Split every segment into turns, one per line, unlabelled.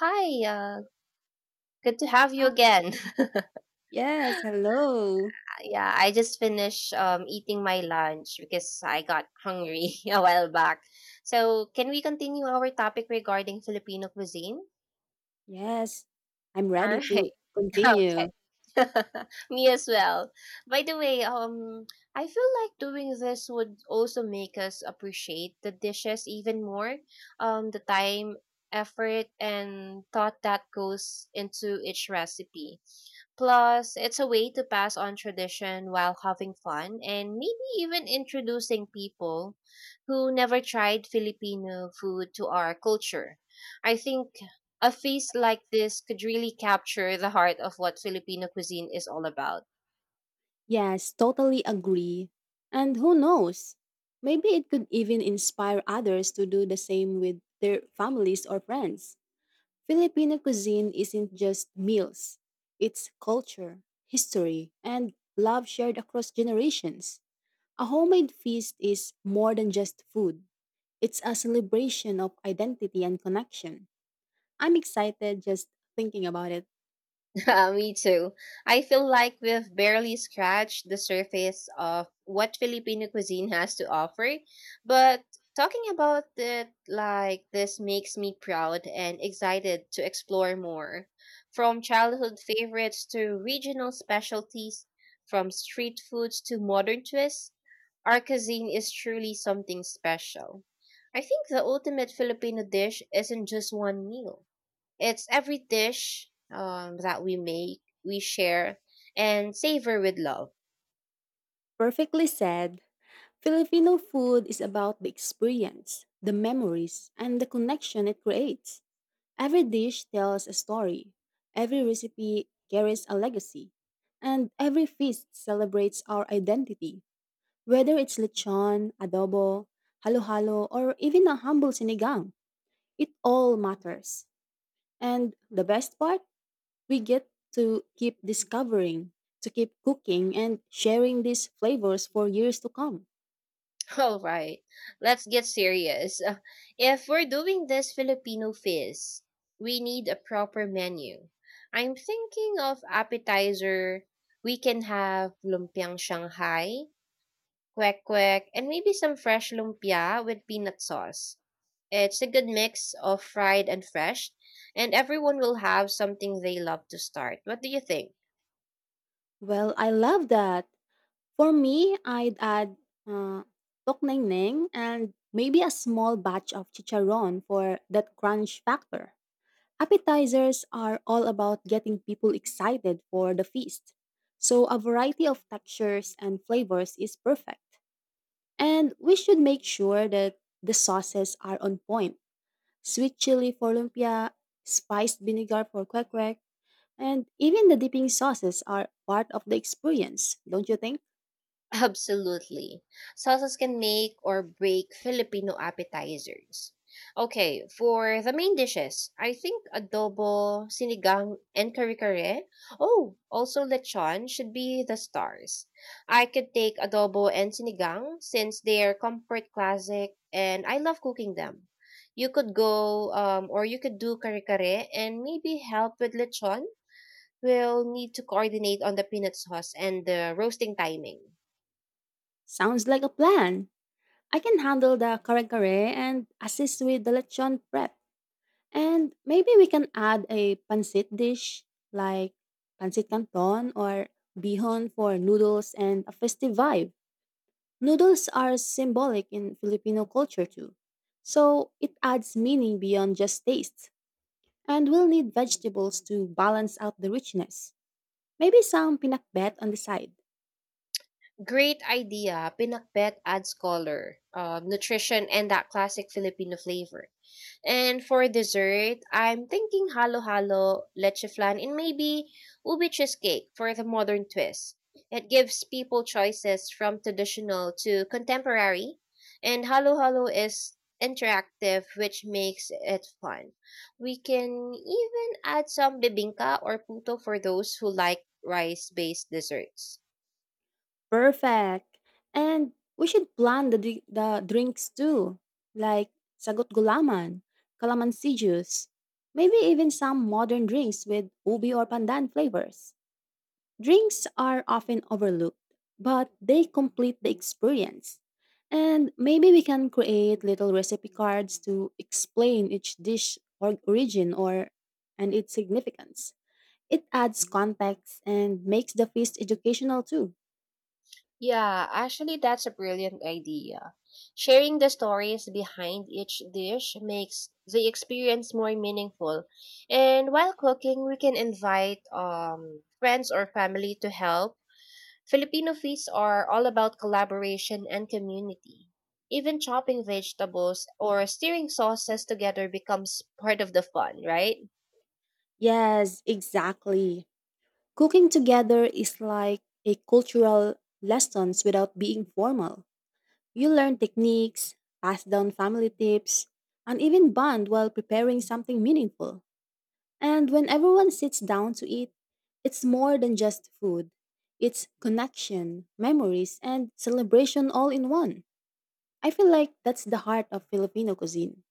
Hi, good to have you
Ah,
again.
yes, hello.
Yeah, I just finished eating my lunch because I got hungry a while back. So, can we continue our topic regarding Filipino cuisine?
Yes, I'm
All
ready to
right. Okay.
continue.
Me as well. By the way, I feel like doing this would also make us appreciate the dishes even more. The time, effort, and thought that goes into each recipe. Plus, it's a way to pass on tradition while having fun and maybe even introducing people who never tried Filipino food to our culture. I think a feast like this could really capture the heart of what Filipino cuisine is all about.
Yes, totally agree. And who knows? Maybe it could even inspire others to do the same with their families or friends. Filipino cuisine isn't just meals, it's culture, history, and love shared across generations. A homemade feast is more than just food, it's a celebration of identity and connection. I'm excited just thinking about it.
Me too. I feel like we've barely scratched the surface of what Filipino cuisine has to offer, but talking about it like this makes me proud and excited to explore more. From childhood favorites to regional specialties, from street foods to modern twists, Arcazine is truly something special. I think the ultimate Filipino dish isn't just one meal. It's every dish that we make, we share, and savor with love.
Perfectly said, Filipino food is about the experience, the memories, and the connection it creates. Every dish tells a story, every recipe carries a legacy, and every feast celebrates our identity, whether it's lechon, adobo, halo-halo, or even a humble sinigang. It all matters. And the best part, we get to keep discovering, to keep cooking, and sharing these flavors for years to come.
All right, let's get serious. If we're doing this Filipino feast, we need a proper menu. I'm thinking of appetizer. We can have lumpiang Shanghai, kwek kwek, and maybe some fresh lumpia with peanut sauce. It's a good mix of fried and fresh, and everyone will have something they love to start. What do you think?
Well, I love that. For me, I'd add uh, tokneng and maybe a small batch of chicharon for that crunch factor. Appetizers are all about getting people excited for the feast. So a variety of textures and flavors is perfect. And we should make sure that the sauces are on point. Sweet chili for lumpia, spiced vinegar for kwek kwek, and even the dipping sauces are part of the experience, don't you think?
Absolutely. Salsas can make or break Filipino appetizers. Okay, for the main dishes, I think adobo, sinigang, and kare-kare. Oh, also lechon should be the stars. I could take adobo and sinigang since they are comfort classic and I love cooking them. You could go or you could do kare-kare and maybe help with lechon. We'll need to coordinate on the peanut sauce and the roasting timing.
Sounds like a plan. I can handle the kare-kare and assist with the lechon prep. And maybe we can add a pancit dish like pancit canton or bihon for noodles and a festive vibe. Noodles are symbolic in Filipino culture too. So it adds meaning beyond just taste. And we'll need vegetables to balance out the richness. Maybe some pinakbet on the side.
Great idea. Pinakbet adds color, nutrition, and that classic Filipino flavor. And for dessert, I'm thinking halo-halo, leche flan, and maybe ubi cheesecake for the modern twist. It gives people choices from traditional to contemporary, and halo-halo is interactive, which makes it fun. We can even add some bibingka or puto for those who like rice-based desserts.
Perfect. And we should plan the drinks too, like sagot gulaman, calamansi juice, maybe even some modern drinks with ubi or pandan flavors. Drinks are often overlooked, but they complete the experience. And maybe we can create little recipe cards to explain each dish or origin or and its significance. It adds context and makes the feast educational too.
Yeah, actually, that's a brilliant idea. Sharing the stories behind each dish makes the experience more meaningful. And while cooking, we can invite friends or family to help. Filipino feasts are all about collaboration and community. Even chopping vegetables or stirring sauces together becomes part of the fun, right?
Yes, exactly. Cooking together is like a cultural lessons without being formal. You learn techniques, pass down family tips, and even bond while preparing something meaningful. And when everyone sits down to eat, it's more than just food. It's connection, memories, and celebration all in one. I feel like that's the heart of Filipino cuisine.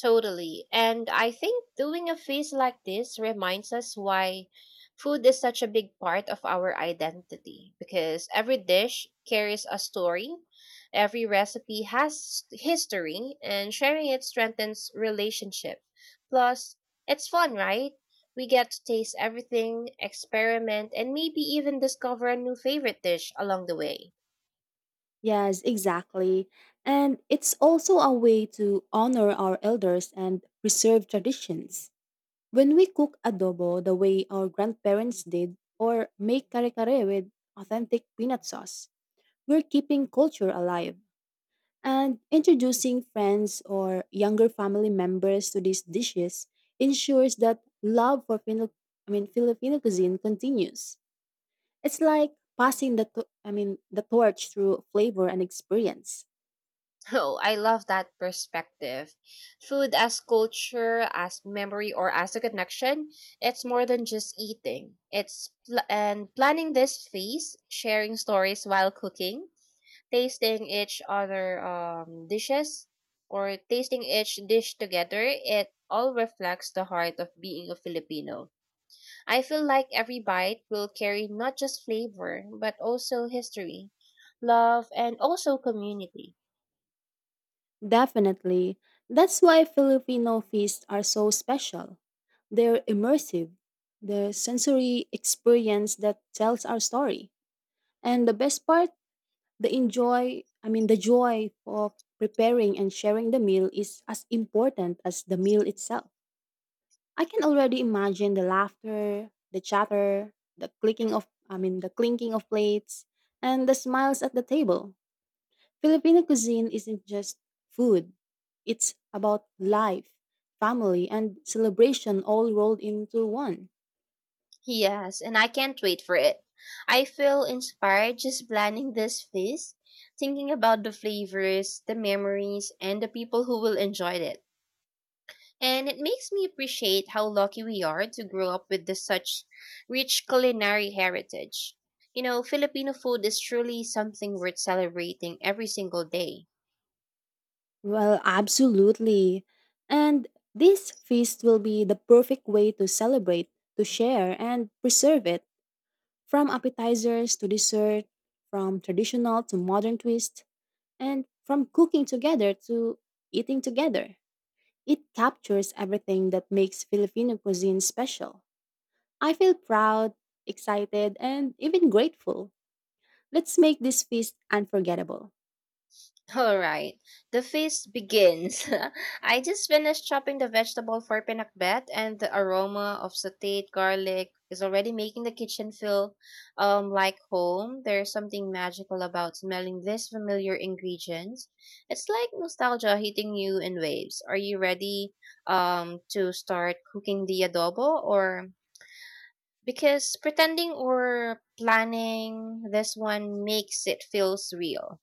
Totally. And I think doing a feast like this reminds us why food is such a big part of our identity because every dish carries a story, every recipe has history, and sharing it strengthens relationship. Plus, it's fun, right? We get to taste everything, experiment, and maybe even discover a new favorite dish along the way.
Yes, exactly. And it's also a way to honor our elders and preserve traditions. When we cook adobo the way our grandparents did, or make kare kare with authentic peanut sauce, we're keeping culture alive. And introducing friends or younger family members to these dishes ensures that love for Filipino cuisine continues. It's like passing the, to- I mean, the torch through flavor and experience.
Oh, I love that perspective. Food as culture, as memory, or as a connection, it's more than just eating. And planning this feast, sharing stories while cooking, tasting each other um, dishes tasting each dish together, it all reflects the heart of being a Filipino. I feel like every bite will carry not just flavor, but also history, love, and also community.
Definitely. That's why Filipino feasts are so special. They're immersive, the sensory experience that tells our story. And the best part, the enjoy, I mean the joy of preparing and sharing the meal is as important as the meal itself. I can already imagine the laughter, the chatter, the clicking of I mean the clinking of plates and the smiles at the table. Filipino cuisine isn't just food, it's about life, family, and celebration all rolled into one.
Yes, and I can't wait for it. I feel inspired just planning this feast, thinking about the flavors, the memories, and the people who will enjoy it. And it makes me appreciate how lucky we are to grow up with this such rich culinary heritage. You know, Filipino food is truly something worth celebrating every single day.
Well, absolutely. And this feast will be the perfect way to celebrate, to share, and preserve it from appetizers to dessert, from traditional to modern twist, and from cooking together to eating together. It captures everything that makes Filipino cuisine special. I feel proud, excited, and even grateful. Let's make this feast unforgettable.
All right, the feast begins. I just finished chopping the vegetable for pinakbet, and the aroma of sautéed garlic is already making the kitchen feel like home. There's something magical about smelling these familiar ingredients. It's like nostalgia hitting you in waves. Are you ready to start cooking the adobo or because pretending or planning this one makes it feels real.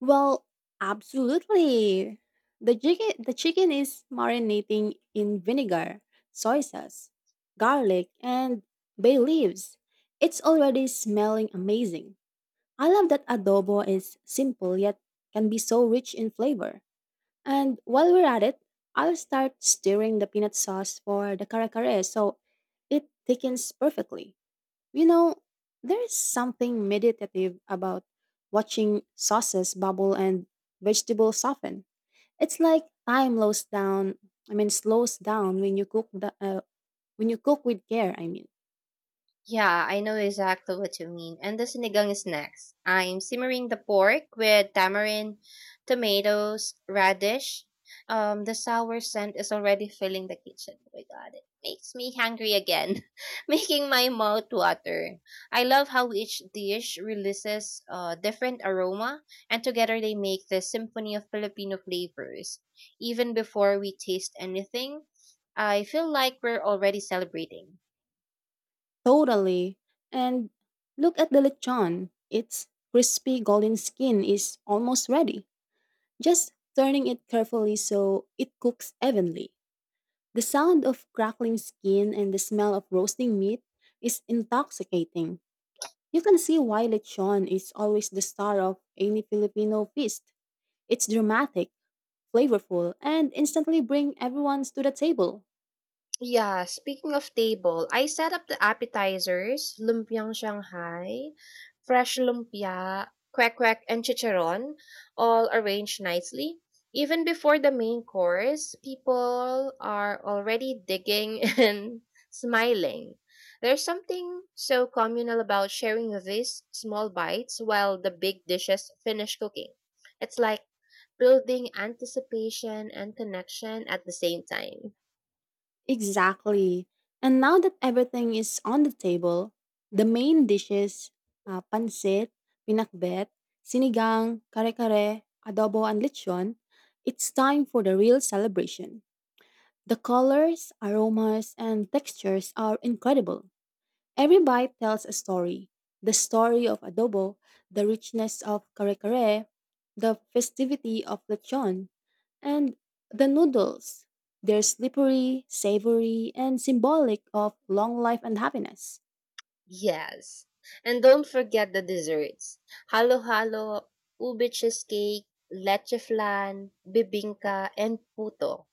Well, absolutely. The chicken is marinating in vinegar, soy sauce, garlic, and bay leaves. It's already smelling amazing. I love that adobo is simple yet can be so rich in flavor. And while we're at it, I'll start stirring the peanut sauce for the kare kare so it thickens perfectly. You know, there is something meditative about watching sauces bubble and vegetables soften. It's like time slows down. Slows down when you cook the when you cook with care. I mean,
Yeah, I know exactly what you mean. And the sinigang is next. I'm simmering the pork with tamarind, tomatoes, radish. The sour scent is already filling the kitchen. Oh my god, it makes me hungry again, making my mouth water. I love how each dish releases a different aroma, and together they make the symphony of Filipino flavors. Even before we taste anything, I feel like we're already celebrating.
totally. And look at the lechon. Its crispy golden skin is almost ready. Just turning it carefully so it cooks evenly. The sound of crackling skin and the smell of roasting meat is intoxicating. You can see why lechon is always the star of any Filipino feast. It's dramatic, flavorful, and instantly bring everyone to the table.
Yeah, speaking of table, I set up the appetizers, lumpiang Shanghai, fresh lumpia, kwek kwek, and chicharon, all arranged nicely. Even before the main course, people are already digging and smiling. There's something so communal about sharing these small bites while the big dishes finish cooking. It's like building anticipation and connection at the same time.
Exactly. And now that everything is on the table, the main dishes, pancit, pinakbet, sinigang, kare-kare, adobo, and lechon, it's time for the real celebration. The colors, aromas, and textures are incredible. Every bite tells a story, the story of adobo, the richness of kare kare, the festivity of lechon, and the noodles. They're slippery, savory, and symbolic of long life and happiness.
Yes. And don't forget the desserts. Halo-halo, ube cheesecake, leche flan, bibingka, and puto.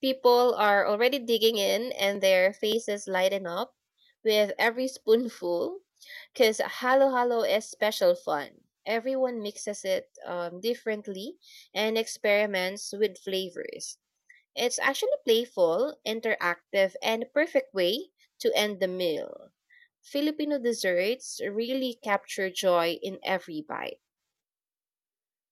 People are already digging in and their faces lighten up with every spoonful because halo-halo is special fun. Everyone mixes it differently and experiments with flavors. It's actually playful, interactive, and perfect way to end the meal. Filipino desserts really capture joy in every bite.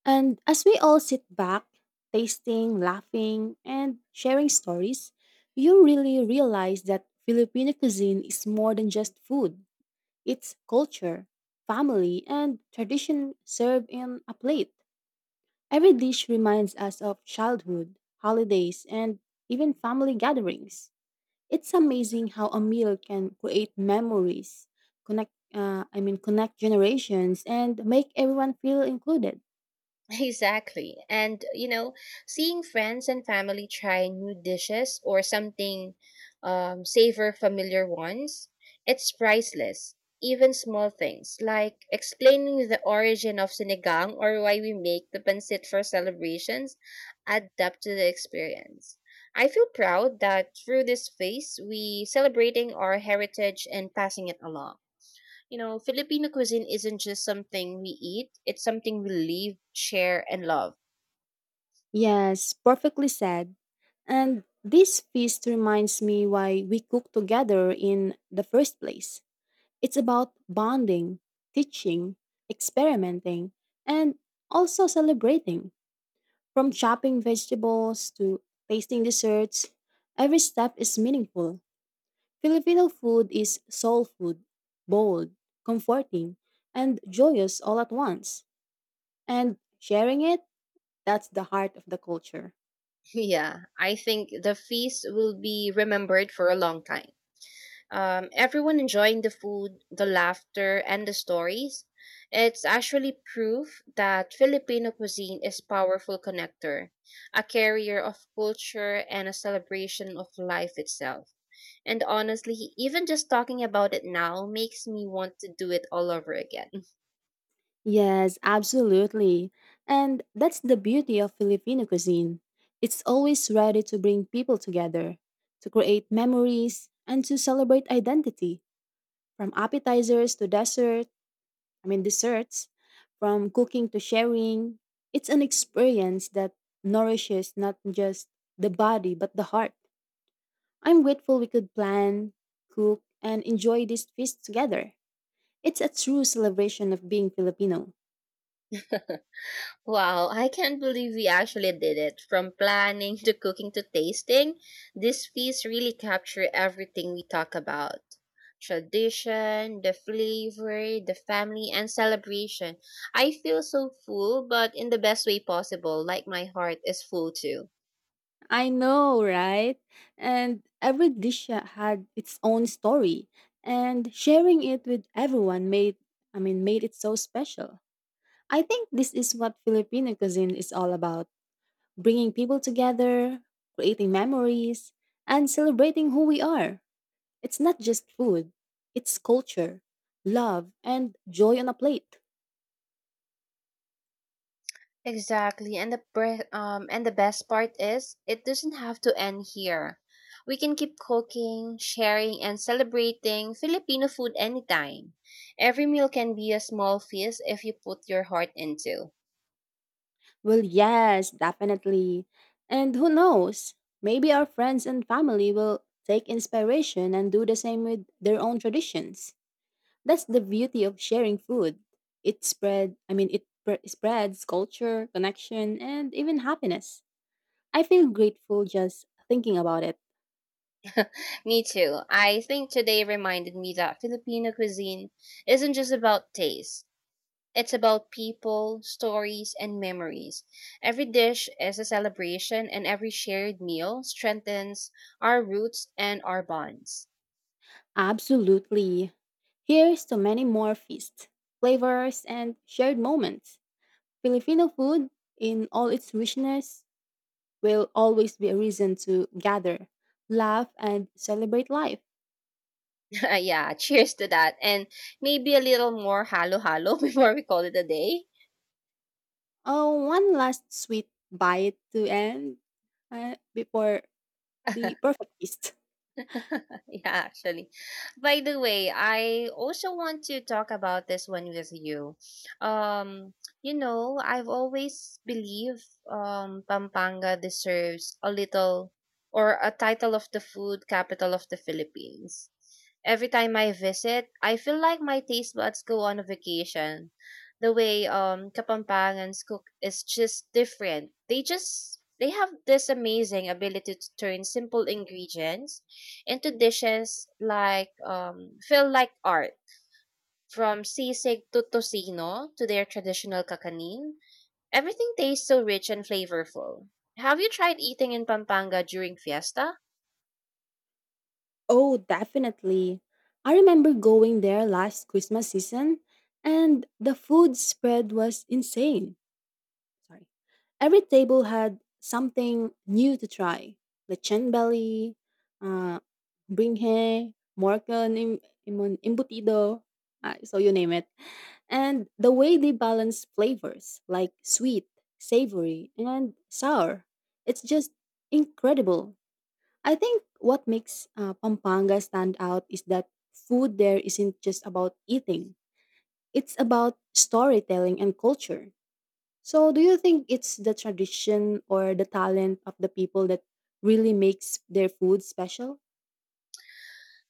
And as we all sit back, tasting, laughing, and sharing stories, you really realize that Filipino cuisine is more than just food. It's culture, family, and tradition served in a plate. Every dish reminds us of childhood, holidays, and even family gatherings. It's amazing how a meal can create memories, connect I mean connect generations and make everyone feel included.
Exactly. And, you know, seeing friends and family try new dishes or something savor familiar ones, it's priceless. Even small things like explaining the origin of sinigang or why we make the pancit for celebrations add depth to the experience. I feel proud that through this phase, we celebrating our heritage and passing it along. You know, Filipino cuisine isn't just something we eat, it's something we live, share, and love.
Yes, perfectly said. And this feast reminds me why we cook together in the first place. It's about bonding, teaching, experimenting, and also celebrating. From chopping vegetables to tasting desserts, every step is meaningful. Filipino food is soul food, bold, comforting, and joyous all at once. And sharing it, that's the heart of the culture.
Yeah, I think the feast will be remembered for a long time. Everyone enjoying the food, the laughter, and the stories. It's actually proof that Filipino cuisine is powerful connector, a carrier of culture and a celebration of life itself. And honestly, even just talking about it now makes me want to do it all over again.
Yes, absolutely. And that's the beauty of Filipino cuisine. It's always ready to bring people together, to create memories, and to celebrate identity, from appetizers to desserts I mean, desserts, from cooking to sharing. It's an experience that nourishes not just the body, but the heart. I'm grateful we could plan, cook, and enjoy this feast together. It's a true celebration of being Filipino.
Wow, I can't believe we actually did it. From planning to cooking to tasting, these feasts really capture everything we talk about. Tradition, the flavor, the family, and celebration. I feel so full, but in the best way possible, like my heart is full too.
I know, right? And every dish had its own story, and sharing it with everyone made it so special. I think this is what Filipino cuisine is all about, bringing people together, creating memories, and celebrating who we are. It's not just food, it's culture, love, and joy on a plate.
Exactly. And the best part is it doesn't have to end here. We can keep cooking, sharing and celebrating Filipino food anytime. Every meal can be a small feast if you put your heart into.
Well, yes, definitely. And who knows, maybe our friends and family will take inspiration and do the same with their own traditions. That's the beauty of sharing food. It spread, I mean, it pre- spreads culture, connection, and even happiness. I feel grateful just thinking about it.
Me too. I think today reminded me that Filipino cuisine isn't just about taste. It's about people, stories, and memories. Every dish is a celebration, and every shared meal strengthens our roots and our bonds.
Absolutely. Here's to many more feasts, flavors, and shared moments. Filipino food, in all its richness, will always be a reason to gather, laugh, and celebrate life.
Yeah, cheers to that. And maybe a little more halo halo before we call it a day.
Oh, one last sweet bite to end before the perfect feast.
Yeah, actually. By the way, I also want to talk about this one with you. Um, you know, I've always believed Pampanga deserves a little or a title of the food capital of the Philippines. Every time I visit, I feel like my taste buds go on a vacation the way Kapampangans cook is just different. They just they have this amazing ability to turn simple ingredients into dishes like feel like art. From sisig to tocino to their traditional kakanin, everything tastes so rich and flavorful. Have you tried eating in Pampanga during fiesta?
Oh, definitely. I remember going there last Christmas season, and the food spread was insane sorry. Every table had something new to try. Lechon belly, uh, bringhe, morcon, imbutido, so you name it. And the way they balance flavors like sweet, savory, and sour, it's just incredible. I think what makes Pampanga stand out is that food there isn't just about eating, it's about storytelling and culture. So, do you think it's the tradition or the talent of the people that really makes their food special?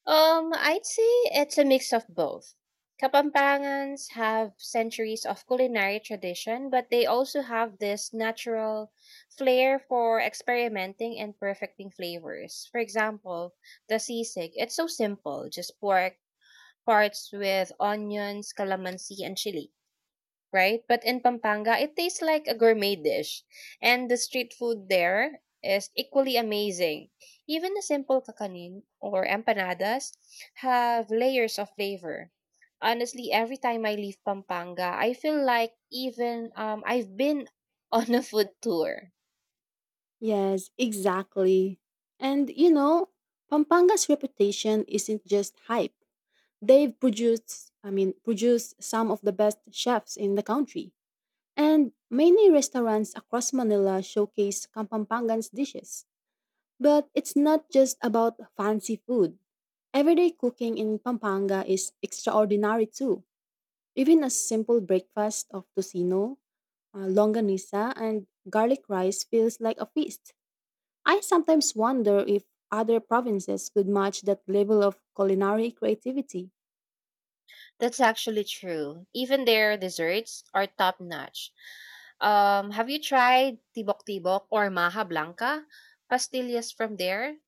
I'd say it's a mix of both. Kapampangans have centuries of culinary tradition, but they also have this natural flair for experimenting and perfecting flavors. For example, the sisig, it's so simple, just pork parts with onions, calamansi, and chili right? But in Pampanga, it tastes like a gourmet dish. And the street food there is equally amazing. Even the simple kakanin or empanadas have layers of flavor. Honestly, every time I leave Pampanga, I feel like even I've been on a food tour.
Yes, exactly. And you know, Pampanga's reputation isn't just hype. They've produced, I mean, produced some of the best chefs in the country. And many restaurants across Manila showcase Campampangan's dishes. But it's not just about fancy food. Everyday cooking in Pampanga is extraordinary too. Even a simple breakfast of tocino, longanisa, and garlic rice feels like a feast. I sometimes wonder if other provinces could match that level of culinary creativity.
That's actually true. Even their desserts are top notch. Have you tried tibok-tibok or maha blanca? Pastillas from there?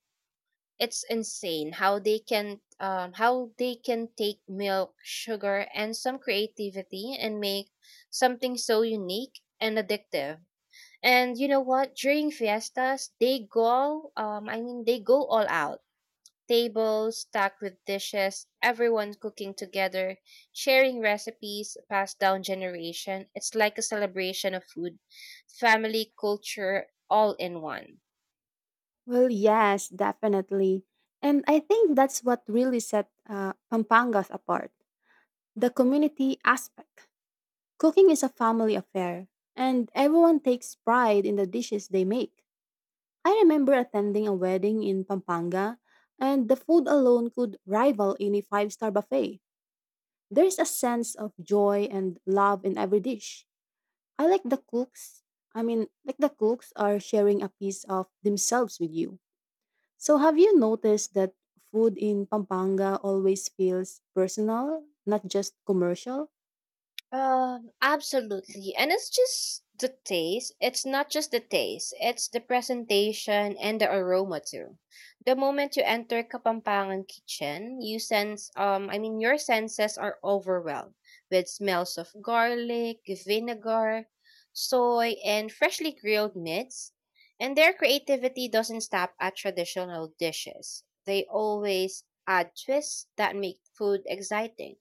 It's insane how they can take milk, sugar, and some creativity and make something so unique and addictive. And you know what? During fiestas, they go I mean they go all out. Tables stacked with dishes, everyone cooking together, sharing recipes passed down generation. It's like a celebration of food, family, culture all in one.
Well, yes, definitely. And I think that's what really set Pampangas apart, the community aspect. Cooking is a family affair, and everyone takes pride in the dishes they make. I remember attending a wedding in Pampanga, and the food alone could rival any five-star buffet. There's a sense of joy and love in every dish. I like the cooks, I mean, like the cooks are sharing a piece of themselves with you. So, have you noticed that food in Pampanga always feels personal, not just commercial?
Absolutely. And it's just the taste. It's not just the taste, it's the presentation and the aroma too. The moment you enter Kapampangan kitchen, you sense I mean your senses are overwhelmed with smells of garlic, vinegar, soy, and freshly grilled meats. And their creativity doesn't stop at traditional dishes. They always add twists that make food exciting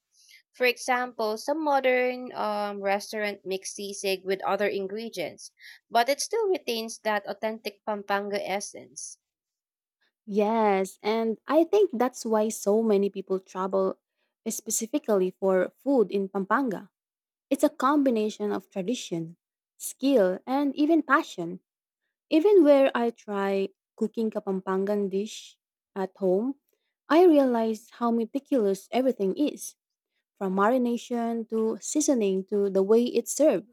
for example, some modern restaurant mix sisig with other ingredients, but it still retains that authentic Pampanga essence.
Yes, and I think that's why so many people travel specifically for food in Pampanga. It's a combination of tradition, skill, and even passion. Even where I try cooking Kapampangan dish at home, I realize how meticulous everything is, from marination to seasoning to the way it's served.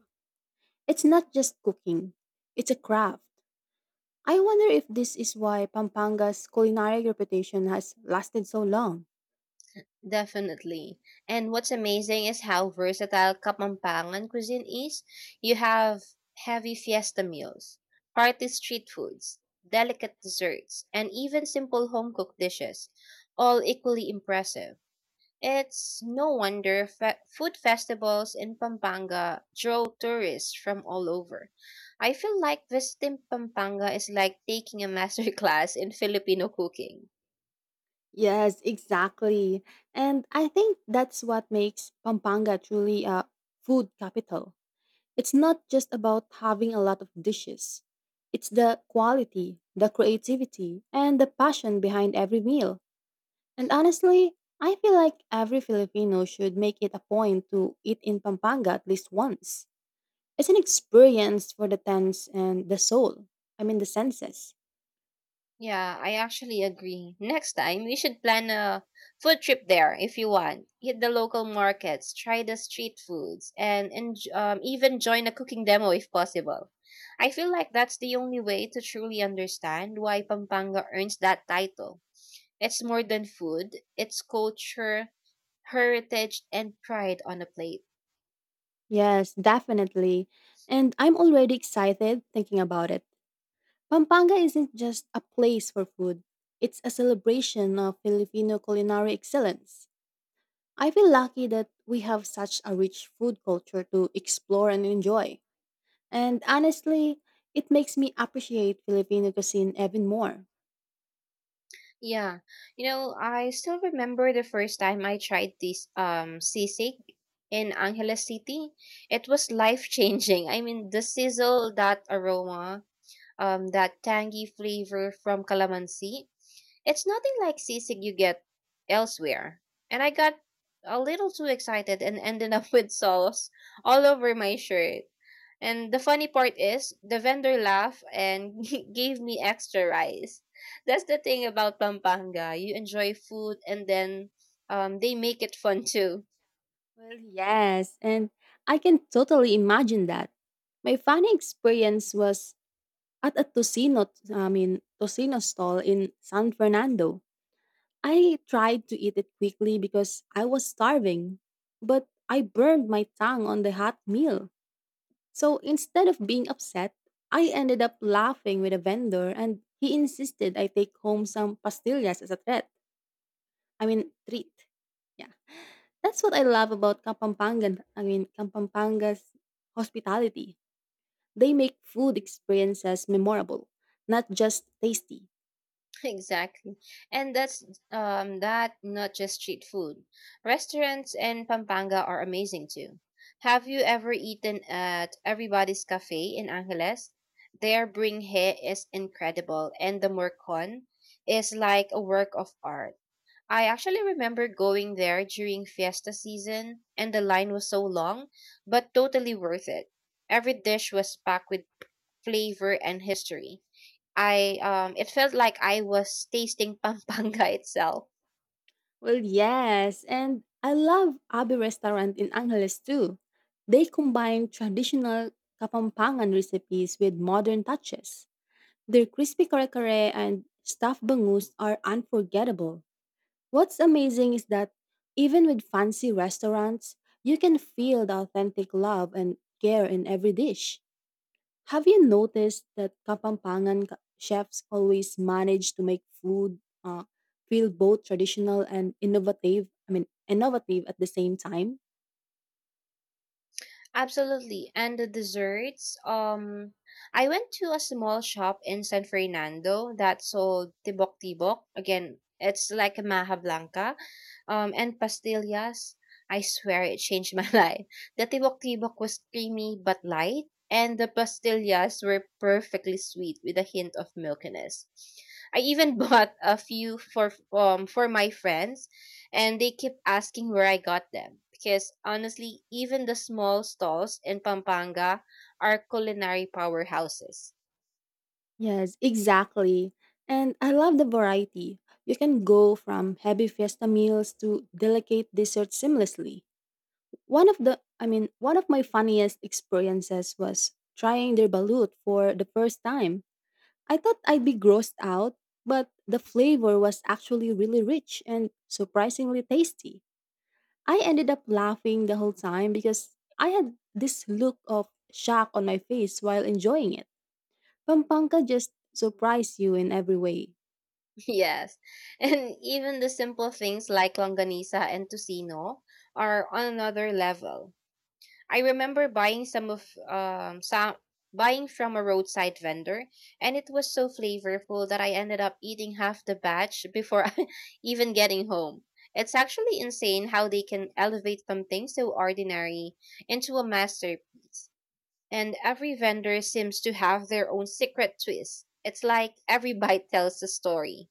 It's not just cooking, it's a craft. I wonder if this is why Pampanga's culinary reputation has lasted so long.
Definitely. And what's amazing is how versatile Kapampangan cuisine is. You have heavy fiesta meals, hearty street foods, delicate desserts, and even simple home cooked dishes, all equally impressive. It's no wonder food festivals in Pampanga draw tourists from all over. I feel like visiting Pampanga is like taking a master class in Filipino cooking.
Yes, exactly. And I think that's what makes Pampanga truly a food capital. It's not just about having a lot of dishes, it's the quality, the creativity, and the passion behind every meal. And honestly, I feel like every Filipino should make it a point to eat in Pampanga at least once. It's an experience for the sense and the soul. I mean, the senses.
Yeah, I actually agree. Next time, we should plan a food trip there if you want. Hit the local markets, try the street foods, and even join a cooking demo if possible. I feel like that's the only way to truly understand why Pampanga earns that title. It's more than food, it's culture, heritage, and pride on a plate.
Yes, definitely. And I'm already excited thinking about it. Pampanga isn't just a place for food, it's a celebration of Filipino culinary excellence. I feel lucky that we have such a rich food culture to explore and enjoy. And honestly, it makes me appreciate Filipino cuisine even more.
Yeah. You know, I still remember the first time I tried this sisig in Angeles City. It was life changing. I mean the sizzle, that aroma, that tangy flavor from calamansi. It's nothing like sisig you get elsewhere. And I got a little too excited and ended up with sauce all over my shirt. And the funny part is, the vendor laughed and gave me extra rice. That's the thing about Pampanga. You enjoy food and then they make it fun too.
Well, yes, and I can totally imagine that. My funny experience was at a tocino, I mean, tocino stall in San Fernando. I tried to eat it quickly because I was starving, but I burned my tongue on the hot meal. So instead of being upset, I ended up laughing with a vendor and he insisted I take home some pastillas as a threat. I mean, treat. Yeah. That's what I love about Kampampanga's hospitality. They make food experiences memorable, not just tasty.
Exactly. And that's not just street food. Restaurants in Pampanga are amazing too. Have you ever eaten at Everybody's Cafe in Angeles? Their bring is incredible and the morcon is like a work of art. I actually remember going there during fiesta season, and the line was so long, but totally worth it. Every dish was packed with flavor and history. I it felt like I was tasting Pampanga itself.
Well, yes, and I love Abe Restaurant in Angeles too. They combine traditional Kapampangan recipes with modern touches. Their crispy kare-kare and stuffed bangus are unforgettable. What's amazing is that even with fancy restaurants, you can feel the authentic love and care in every dish. Have you noticed that Kapampangan chefs always manage to make food uh, feel both traditional and innovative at the same time.
Absolutely. And the desserts, I went to a small shop in San Fernando that sold tibok tibok. Again, it's like a maha blanca. And pastillas. I swear it changed my life. The tibok tibok was creamy but light, and the pastillas were perfectly sweet with a hint of milkiness. I even bought a few for my friends and they keep asking where I got them because honestly, even the small stalls in Pampanga are culinary powerhouses.
Yes, exactly. And I love the variety. You can go from heavy fiesta meals to delicate desserts seamlessly. One of the, I mean, one of my funniest experiences was trying their balut for the first time. I thought I'd be grossed out, but the flavor was actually really rich and surprisingly tasty. I ended up laughing the whole time because I had this look of shock on my face while enjoying it. Pampanga just surprised you in every way.
Yes. And even the simple things like longanisa and tocino are on another level. I remember buying some of some buying from a roadside vendor and it was so flavorful that I ended up eating half the batch before even getting home. It's actually insane how they can elevate something so ordinary into a masterpiece. And every vendor seems to have their own secret twist. It's like every bite tells a story.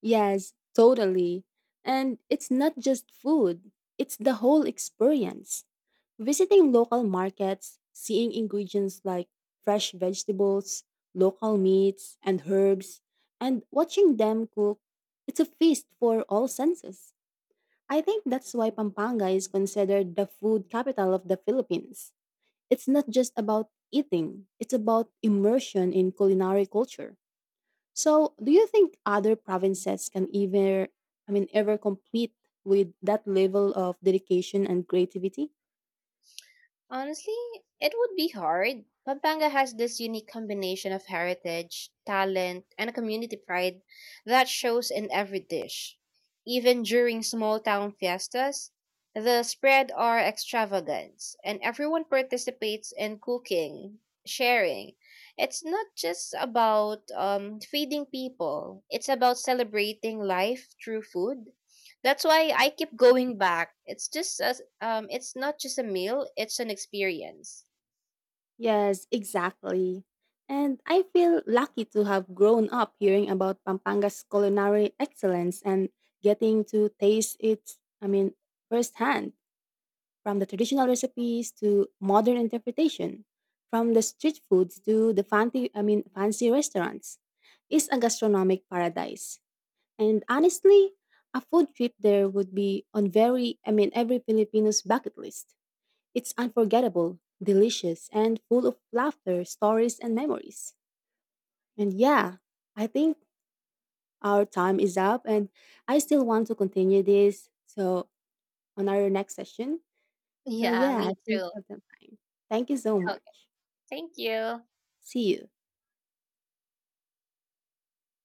Yes, totally. And it's not just food, it's the whole experience. Visiting local markets, seeing ingredients like fresh vegetables, local meats, and herbs, and watching them cook, it's a feast for all senses. I think that's why Pampanga is considered the food capital of the Philippines. It's not just about eating, it's about immersion in culinary culture. So, do you think other provinces can ever, I mean, ever compete with that level of dedication and creativity?
Honestly, it would be hard. Pampanga has this unique combination of heritage, talent, and a community pride that shows in every dish. Even during small town fiestas, the spread are extravagant, and everyone participates in cooking, sharing. It's not just about feeding people, it's about celebrating life through food that's why I keep going back. It's just as it's not just a meal, it's an experience.
Yes, exactly. And I feel lucky to have grown up hearing about Pampanga's culinary excellence and getting to taste it, I mean, firsthand, from the traditional recipes to modern interpretation, from the street foods to the fancy, I mean, fancy restaurants. It's a gastronomic paradise. And honestly, a food trip there would be on every Filipino's bucket list. It's unforgettable, delicious, and full of laughter, stories, and memories. And yeah, I think our time is up, and I still want to continue this. So, on our next session. So,
Yeah,
yeah, I
me
think
too.
for the time. Thank you so
Okay,
much.
thank you.
See you.